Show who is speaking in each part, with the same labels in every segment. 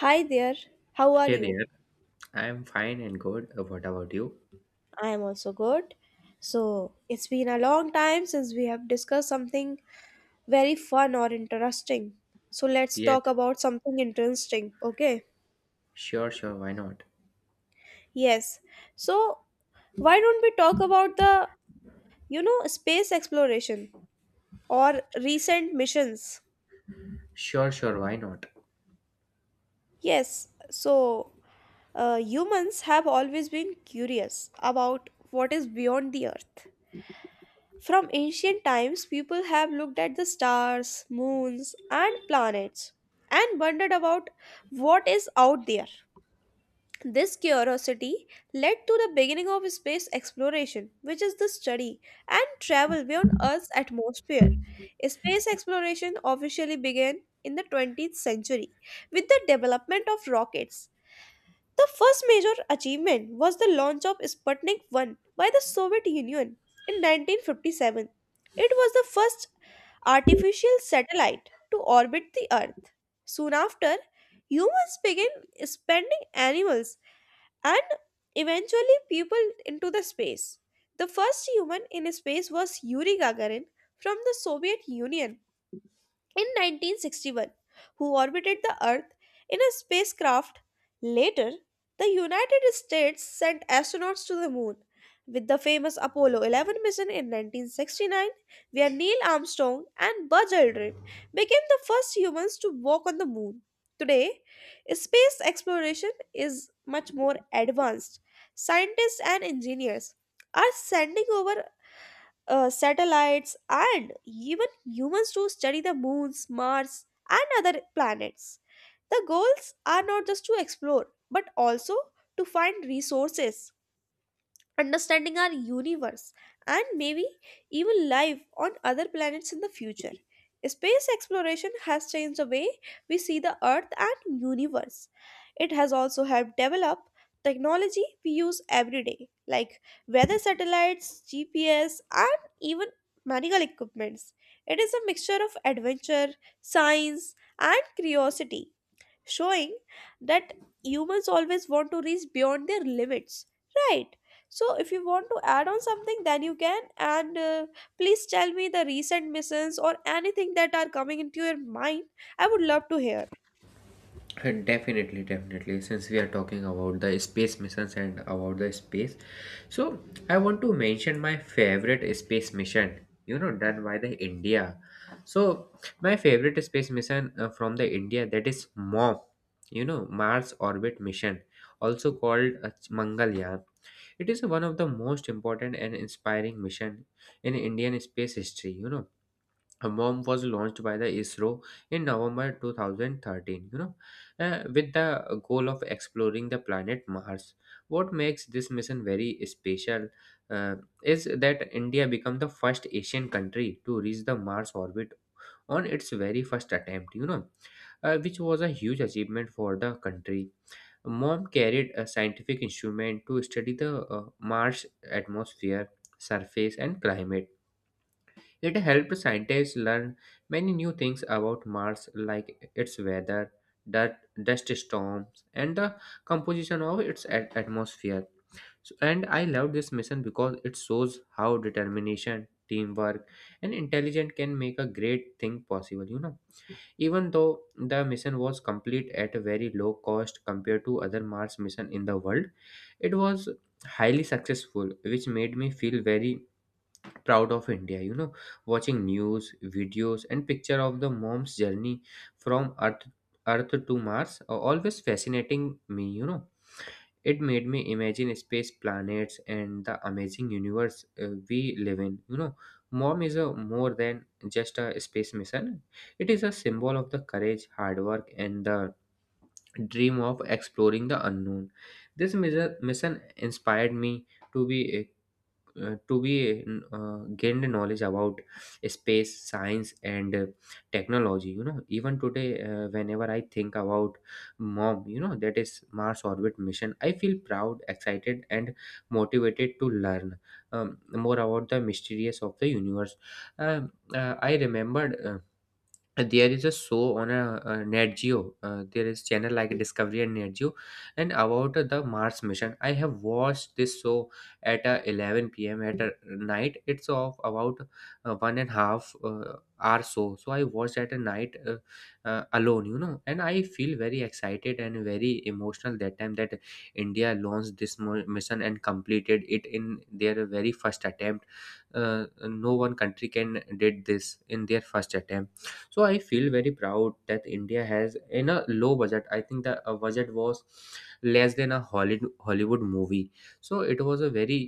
Speaker 1: Hi there, how are
Speaker 2: Hey
Speaker 1: you?
Speaker 2: there, I'm fine and good. What about you?
Speaker 1: I am also good. So, it's been a long time since we have discussed something very fun or interesting. So, let's
Speaker 2: Yes,
Speaker 1: talk about something interesting, okay?
Speaker 2: sure, why not?
Speaker 1: Yes. So, why don't we talk about space exploration or recent missions?
Speaker 2: Sure, why not?
Speaker 1: Yes. So, humans have always been curious about what is beyond the earth. From ancient times, people have looked at the stars, moons, and planets and wondered about what is out there. This curiosity led to the beginning of space exploration, which is the study and travel beyond Earth's atmosphere. Space exploration officially began in the 20th century with the development of rockets. The first major achievement was the launch of Sputnik 1 by the Soviet Union in 1957. It was the first artificial satellite to orbit the Earth. Soon after, humans began sending animals and eventually people into the space. The first human in space was Yuri Gagarin from the Soviet Union in 1961, who orbited the Earth in a spacecraft. Later, the United States sent astronauts to the moon with the famous Apollo 11 mission in 1969, where Neil Armstrong and Buzz Aldrin became the first humans to walk on the moon. Today, space exploration is much more advanced. Scientists and engineers are sending over satellites, and even humans to study the moons, Mars, and other planets. The goals are not just to explore, but also to find resources, understanding our universe, and maybe even life on other planets in the future. Space exploration has changed the way we see the Earth and universe. It has also helped develop technology we use every day, like weather satellites, GPS, and even medical equipments. It is a mixture of adventure, science, and curiosity, showing that humans always want to reach beyond their limits, right? So if you want to add on something, then you can, and please tell me the recent missions or anything that are coming into your mind. I would love to hear.
Speaker 2: Definitely. Since we are talking about the space missions and about the space, so I want to mention my favorite space mission, you know, done by the India. So my favorite space mission from the India, that is MOM, you know, Mars Orbit Mission, also called Mangalyaan. It is one of the most important and inspiring mission in Indian space history, you know. MOM was launched by the ISRO in November 2013, you know, with the goal of exploring the planet Mars. What makes this mission very special, uh, is that India became the first Asian country to reach the Mars orbit on its very first attempt, you know, which was a huge achievement for the country. MOM carried a scientific instrument to study the Mars atmosphere, surface, and climate. It helped scientists learn many new things about Mars, like its weather, dirt, dust storms, and the composition of its atmosphere. So, and I love this mission because it shows how determination, teamwork, and intelligence can make a great thing possible. You know, even though the mission was complete at a very low cost compared to other Mars mission in the world, it was highly successful, which made me feel very proud of India, you know. Watching news videos and picture of the MOM's journey from earth to Mars are always fascinating me, you know. It made me imagine space, planets, and the amazing universe we live in, you know. MOM is a more than just a space mission. It is a symbol of the courage, hard work, and the dream of exploring the unknown. This mission inspired me to be uh, to be gained knowledge about space science and technology. You know, even today, whenever I think about MOM, you know, that is Mars Orbit Mission, I feel proud, excited, and motivated to learn more about the mysteries of the universe. I remembered, and there is a show on a Nat Geo. There is channel like Discovery and Nat Geo, and about the Mars mission. I have watched this show at 11 p.m. at night. It's of about one and a half hour show. So I watched at a night alone, you know, and I feel very excited and very emotional that time that India launched this mission and completed it in their very first attempt. No one country can did this in their first attempt, so I feel very proud that India has in a low budget. I think the budget was less than a Hollywood movie. So it was a very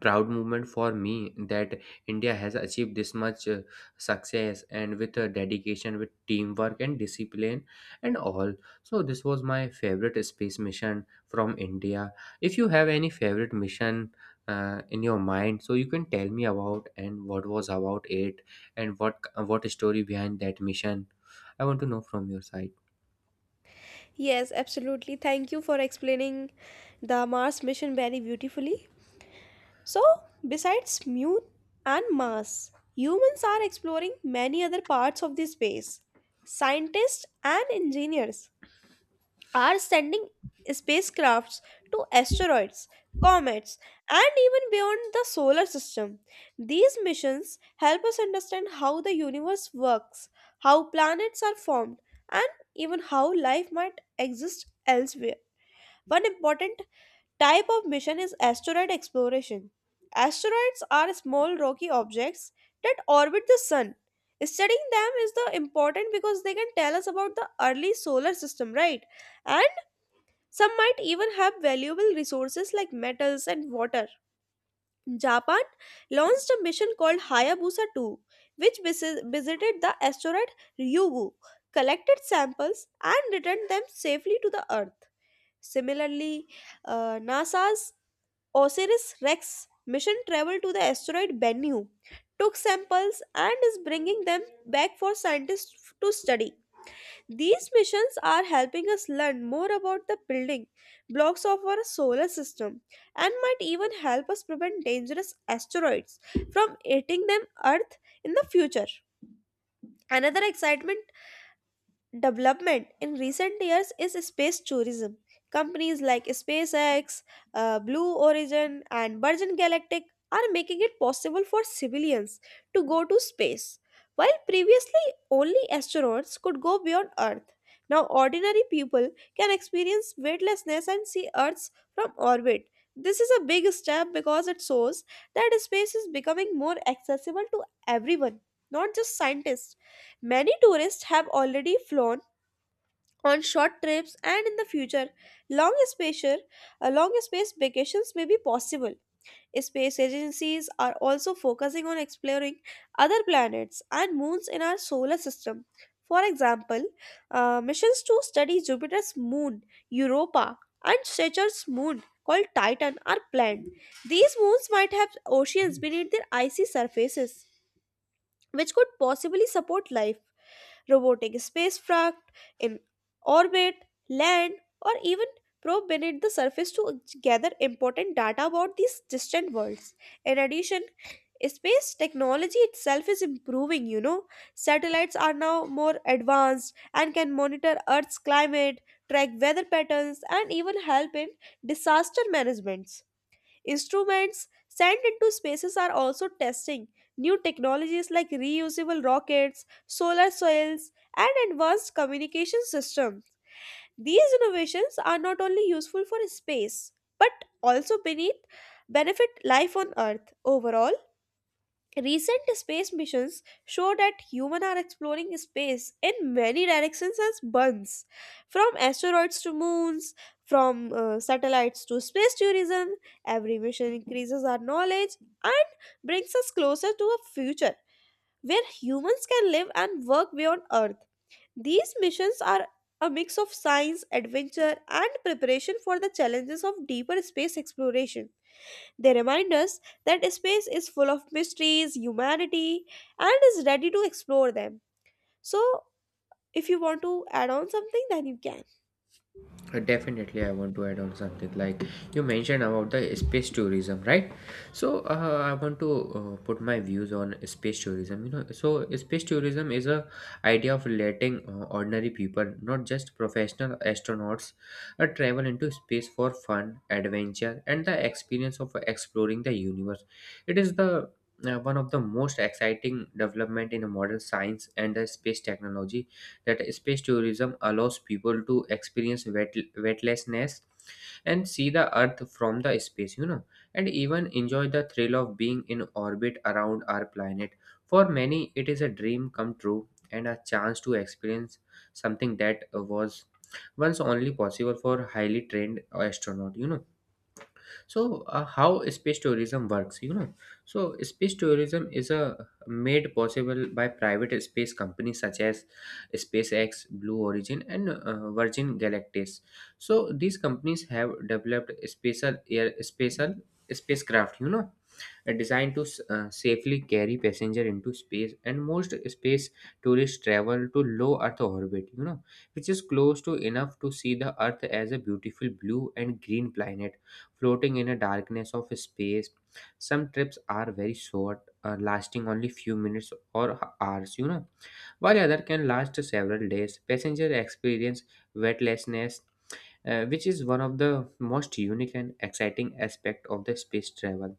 Speaker 2: proud moment for me that India has achieved this much success and with dedication, with teamwork and discipline and all. So this was my favorite space mission from India. If you have any favorite mission in your mind, so you can tell me about, and what was about it and what story behind that mission. I want to know from your side.
Speaker 1: Yes, absolutely. Thank you for explaining the Mars mission very beautifully. So, besides Mu and Mars, humans are exploring many other parts of the space. Scientists and engineers are sending spacecrafts to asteroids, comets, and even beyond the solar system. These missions help us understand how the universe works, how planets are formed, and even how life might exist elsewhere. One important type of mission is asteroid exploration. Asteroids are small rocky objects that orbit the sun. Studying them is the important because they can tell us about the early solar system, right? And some might even have valuable resources like metals and water. Japan launched a mission called Hayabusa 2, which visited the asteroid Ryugu, collected samples, and returned them safely to the Earth. Similarly, NASA's OSIRIS-REx mission traveled to the asteroid Bennu, took samples, and is bringing them back for scientists to study. These missions are helping us learn more about the building blocks of our solar system and might even help us prevent dangerous asteroids from hitting them Earth in the future. Another excitement development in recent years is space tourism. Companies like SpaceX, Blue Origin, and Virgin Galactic are making it possible for civilians to go to space. While previously only astronauts could go beyond Earth, now ordinary people can experience weightlessness and see Earth's from orbit. This is a big step because it shows that space is becoming more accessible to everyone, not just scientists. Many tourists have already flown on short trips, and in the future, long space vacations may be possible. Space agencies are also focusing on exploring other planets and moons in our solar system. For example, missions to study Jupiter's moon Europa and Saturn's moon called Titan are planned. These moons might have oceans beneath their icy surfaces, which could possibly support life. Robotic spacecraft in orbit, land, or even probe beneath the surface to gather important data about these distant worlds. In addition, space technology itself is improving. Satellites are now more advanced and can monitor Earth's climate, track weather patterns, and even help in disaster management. Instruments sent into spaces are also testing new technologies like reusable rockets, solar soils, and advanced communication systems. These innovations are not only useful for space but also beneath benefit life on Earth. Overall, recent space missions show that humans are exploring space in many directions as buns, from asteroids to moons, from satellites to space tourism. Every mission increases our knowledge and brings us closer to a future where humans can live and work beyond Earth. These missions are a mix of science, adventure, and preparation for the challenges of deeper space exploration. They remind us that space is full of mysteries, humanity, and is ready to explore them. So, if you want to add on something, then you can.
Speaker 2: Definitely, I want to add on something like you mentioned about the space tourism, right? So, I want to put my views on space tourism. You know, so space tourism is a idea of letting ordinary people, not just professional astronauts, travel into space for fun, adventure, and the experience of exploring the universe. It is the, one of the most exciting development in modern science and the space technology, that space tourism allows people to experience weightlessness and see the earth from the space, you know, and even enjoy the thrill of being in orbit around our planet. For many, it is a dream come true and a chance to experience something that was once only possible for highly trained astronaut, you know. So how space tourism works, you know. So space tourism is a made possible by private space companies such as SpaceX, Blue Origin, and Virgin Galactic. So these companies have developed special spacecraft, you know, designed to safely carry passenger into space. And most space tourists travel to low earth orbit, you know, which is close to enough to see the earth as a beautiful blue and green planet floating in a darkness of space. Some trips are very short, lasting only few minutes or hours, you know, while other can last several days. Passenger experience weightlessness, which is one of the most unique and exciting aspect of the space travel.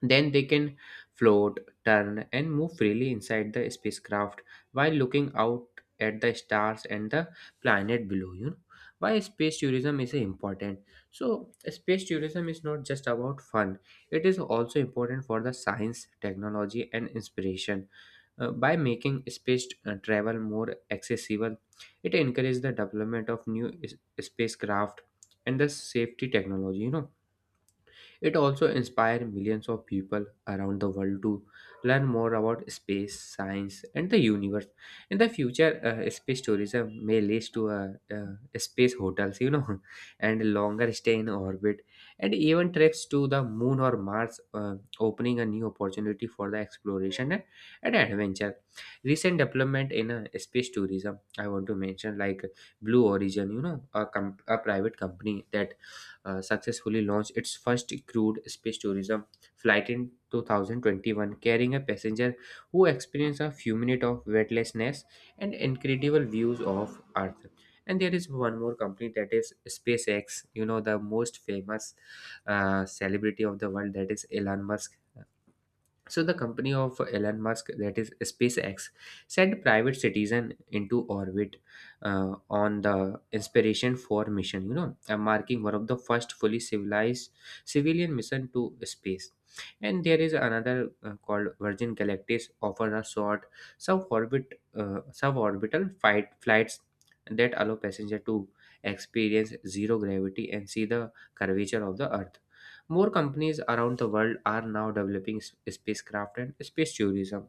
Speaker 2: Then they can float, turn, and move freely inside the spacecraft while looking out at the stars and the planet below. You know, why space tourism is important. So space tourism is not just about fun; it is also important for the science, technology, and inspiration. By making space travel more accessible, it encourages the development of spacecraft and the safety technology. You know, it also inspired millions of people around the world to learn more about space, science, and the universe. In the future, space tourism may lead to space hotels, you know, and longer stay in orbit, and even trips to the moon or Mars, opening a new opportunity for the exploration and adventure. Recent development in space tourism, I want to mention like Blue Origin, you know, a private company that successfully launched its first crewed space tourism flight in 2021, carrying a passenger who experienced a few minutes of weightlessness and incredible views of Earth. And there is one more company that is SpaceX, you know, the most famous celebrity of the world, that is Elon Musk. So the company of Elon Musk, that is SpaceX, sent private citizen into orbit on the Inspiration 4 mission, you know, marking one of the first fully civilized civilian mission to space. And there is another called Virgin Galactic offer a short suborbital fight flights that allow passenger to experience zero gravity and see the curvature of the Earth. More companies around the world are now developing spacecraft and space tourism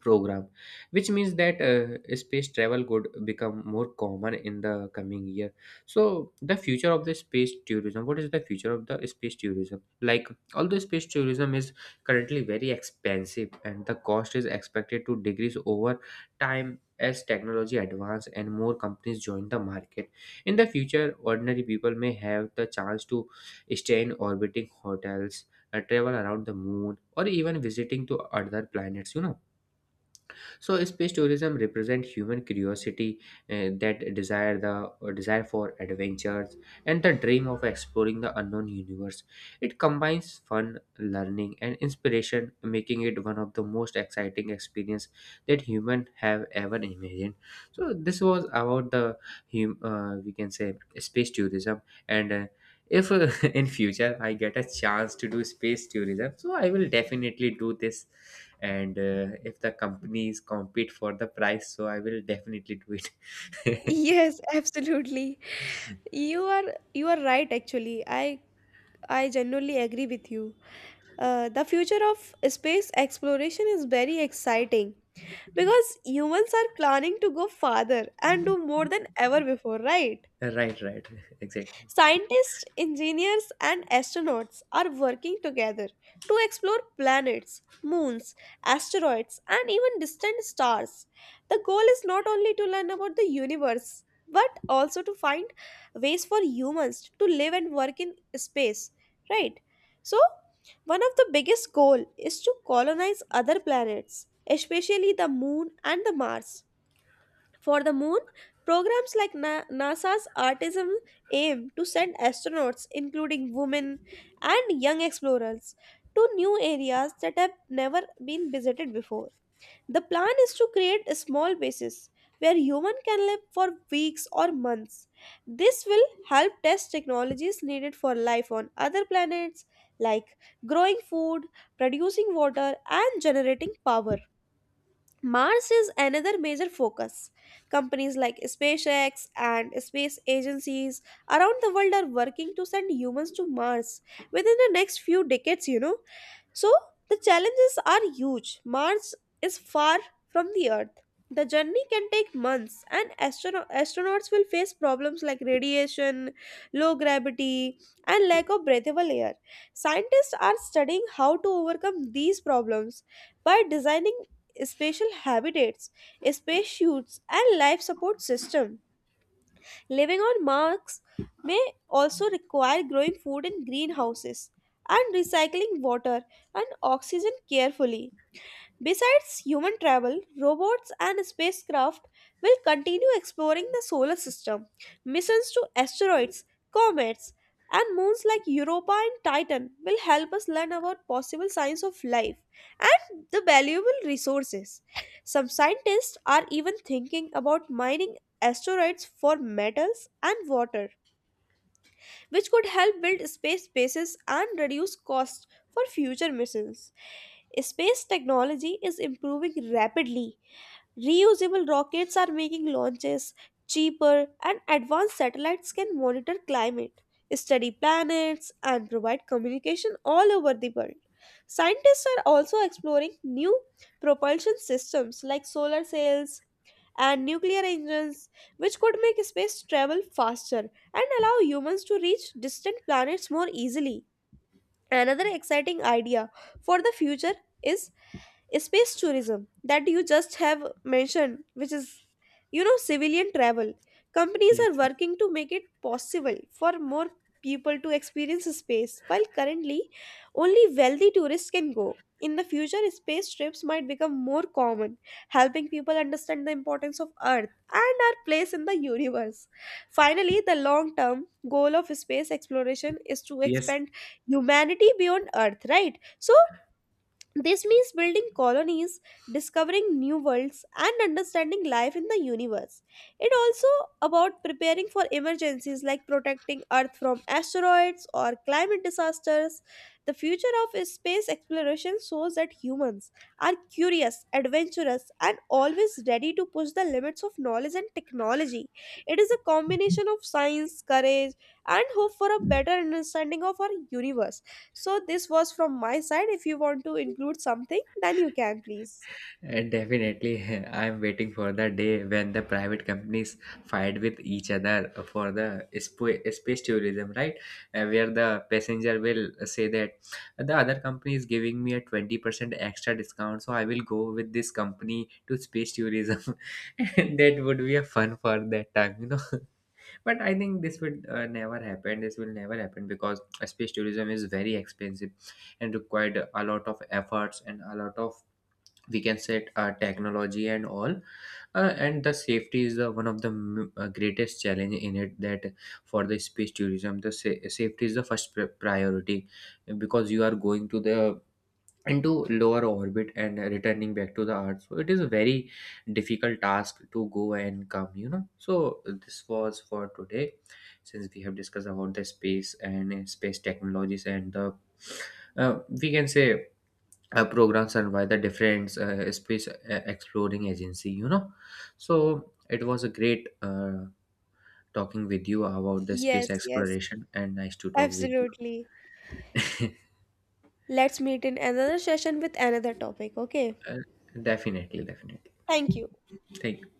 Speaker 2: program, which means that space travel could become more common in the coming year. So the future of the space tourism, what is the future of the space tourism like? Although space tourism is currently very expensive, and the cost is expected to decrease over time as technology advance and more companies join the market. In the future, ordinary people may have the chance to stay in orbiting hotels, travel around the moon, or even visiting to other planets, you know. So space tourism represents human curiosity, that desire the or desire for adventures and the dream of exploring the unknown universe. It combines fun, learning, and inspiration, making it one of the most exciting experience that human have ever imagined. So this was about the we can say space tourism and. If in future I get a chance to do space tourism, so I will definitely do this. And if the companies compete for the price, so I will definitely do it.
Speaker 1: Yes, absolutely. You are right actually. I genuinely agree with you. The future of space exploration is very exciting because humans are planning to go farther and do more than ever before, right?
Speaker 2: Right, right. Exactly.
Speaker 1: Scientists, engineers, and astronauts are working together to explore planets, moons, asteroids, and even distant stars. The goal is not only to learn about the universe, but also to find ways for humans to live and work in space, right? So, one of the biggest goal is to colonize other planets, especially the moon and the Mars. For the moon, programs like NASA's Artism aim to send astronauts, including women and young explorers, to new areas that have never been visited before. The plan is to create small bases where humans can live for weeks or months. This will help test technologies needed for life on other planets, like growing food, producing water, and generating power. Mars is another major focus. Companies like SpaceX and space agencies around the world are working to send humans to Mars within the next few decades. So the challenges are huge. Mars is far from the Earth. The journey can take months, and astronauts will face problems like radiation, low gravity, and lack of breathable air. Scientists are studying how to overcome these problems by designing spatial habitats, spacesuits, and life support system. Living on Mars may also require growing food in greenhouses and recycling water and oxygen carefully. Besides human travel, robots and spacecraft will continue exploring the solar system. Missions to asteroids, comets, and moons like Europa and Titan will help us learn about possible signs of life and the valuable resources. Some scientists are even thinking about mining asteroids for metals and water, which could help build space bases and reduce costs for future missions. Space technology is improving rapidly. Reusable rockets are making launches cheaper, and advanced satellites can monitor climate, study planets, and provide communication all over the world. Scientists are also exploring new propulsion systems like solar sails and nuclear engines, which could make space travel faster and allow humans to reach distant planets more easily. Another exciting idea for the future is space tourism that you just have mentioned, which is, civilian travel. Companies
Speaker 2: Yes,
Speaker 1: are
Speaker 2: sir.
Speaker 1: working to make it possible for more people to experience space. While currently only wealthy tourists can go, in the future space trips might become more common, helping people understand the importance of earth and our place in the universe. Finally, the long term goal of space exploration is to
Speaker 2: Yes,
Speaker 1: expand humanity beyond earth, right? So this means building colonies, discovering new worlds, and understanding life in the universe. It also about preparing for emergencies like protecting Earth from asteroids or climate disasters. The future of space exploration shows that humans are curious, adventurous, and always ready to push the limits of knowledge and technology. It is a combination of science, courage, and hope for a better understanding of our universe. So this was from my side. If you want to include something, then you can please.
Speaker 2: and definitely. I'm waiting for the day when the private companies fight with each other for the space tourism, right? Where the passenger will say that the other company is giving me a 20% extra discount, so I will go with this company to space tourism. And that would be a fun for that time, you know. But I think this would never happen because space tourism is very expensive and required a lot of efforts and a lot of, we can set, technology and all. Uh, and the safety is the one of the greatest challenge in it, that for the space tourism, the safety is the first priority, because you are going to the into lower orbit and returning back to the earth. So it is a very difficult task to go and come, you know. So this was for today, since we have discussed about the space and space technologies and the, we can say, programs and why the different space exploring agency, you know. So it was a great talking with you about the
Speaker 1: Yes,
Speaker 2: space
Speaker 1: yes,
Speaker 2: exploration, and nice to talk with you.
Speaker 1: absolutely. Let's meet in another session with another topic. Okay.
Speaker 2: uh, definitely definitely.
Speaker 1: Thank you.
Speaker 2: Thank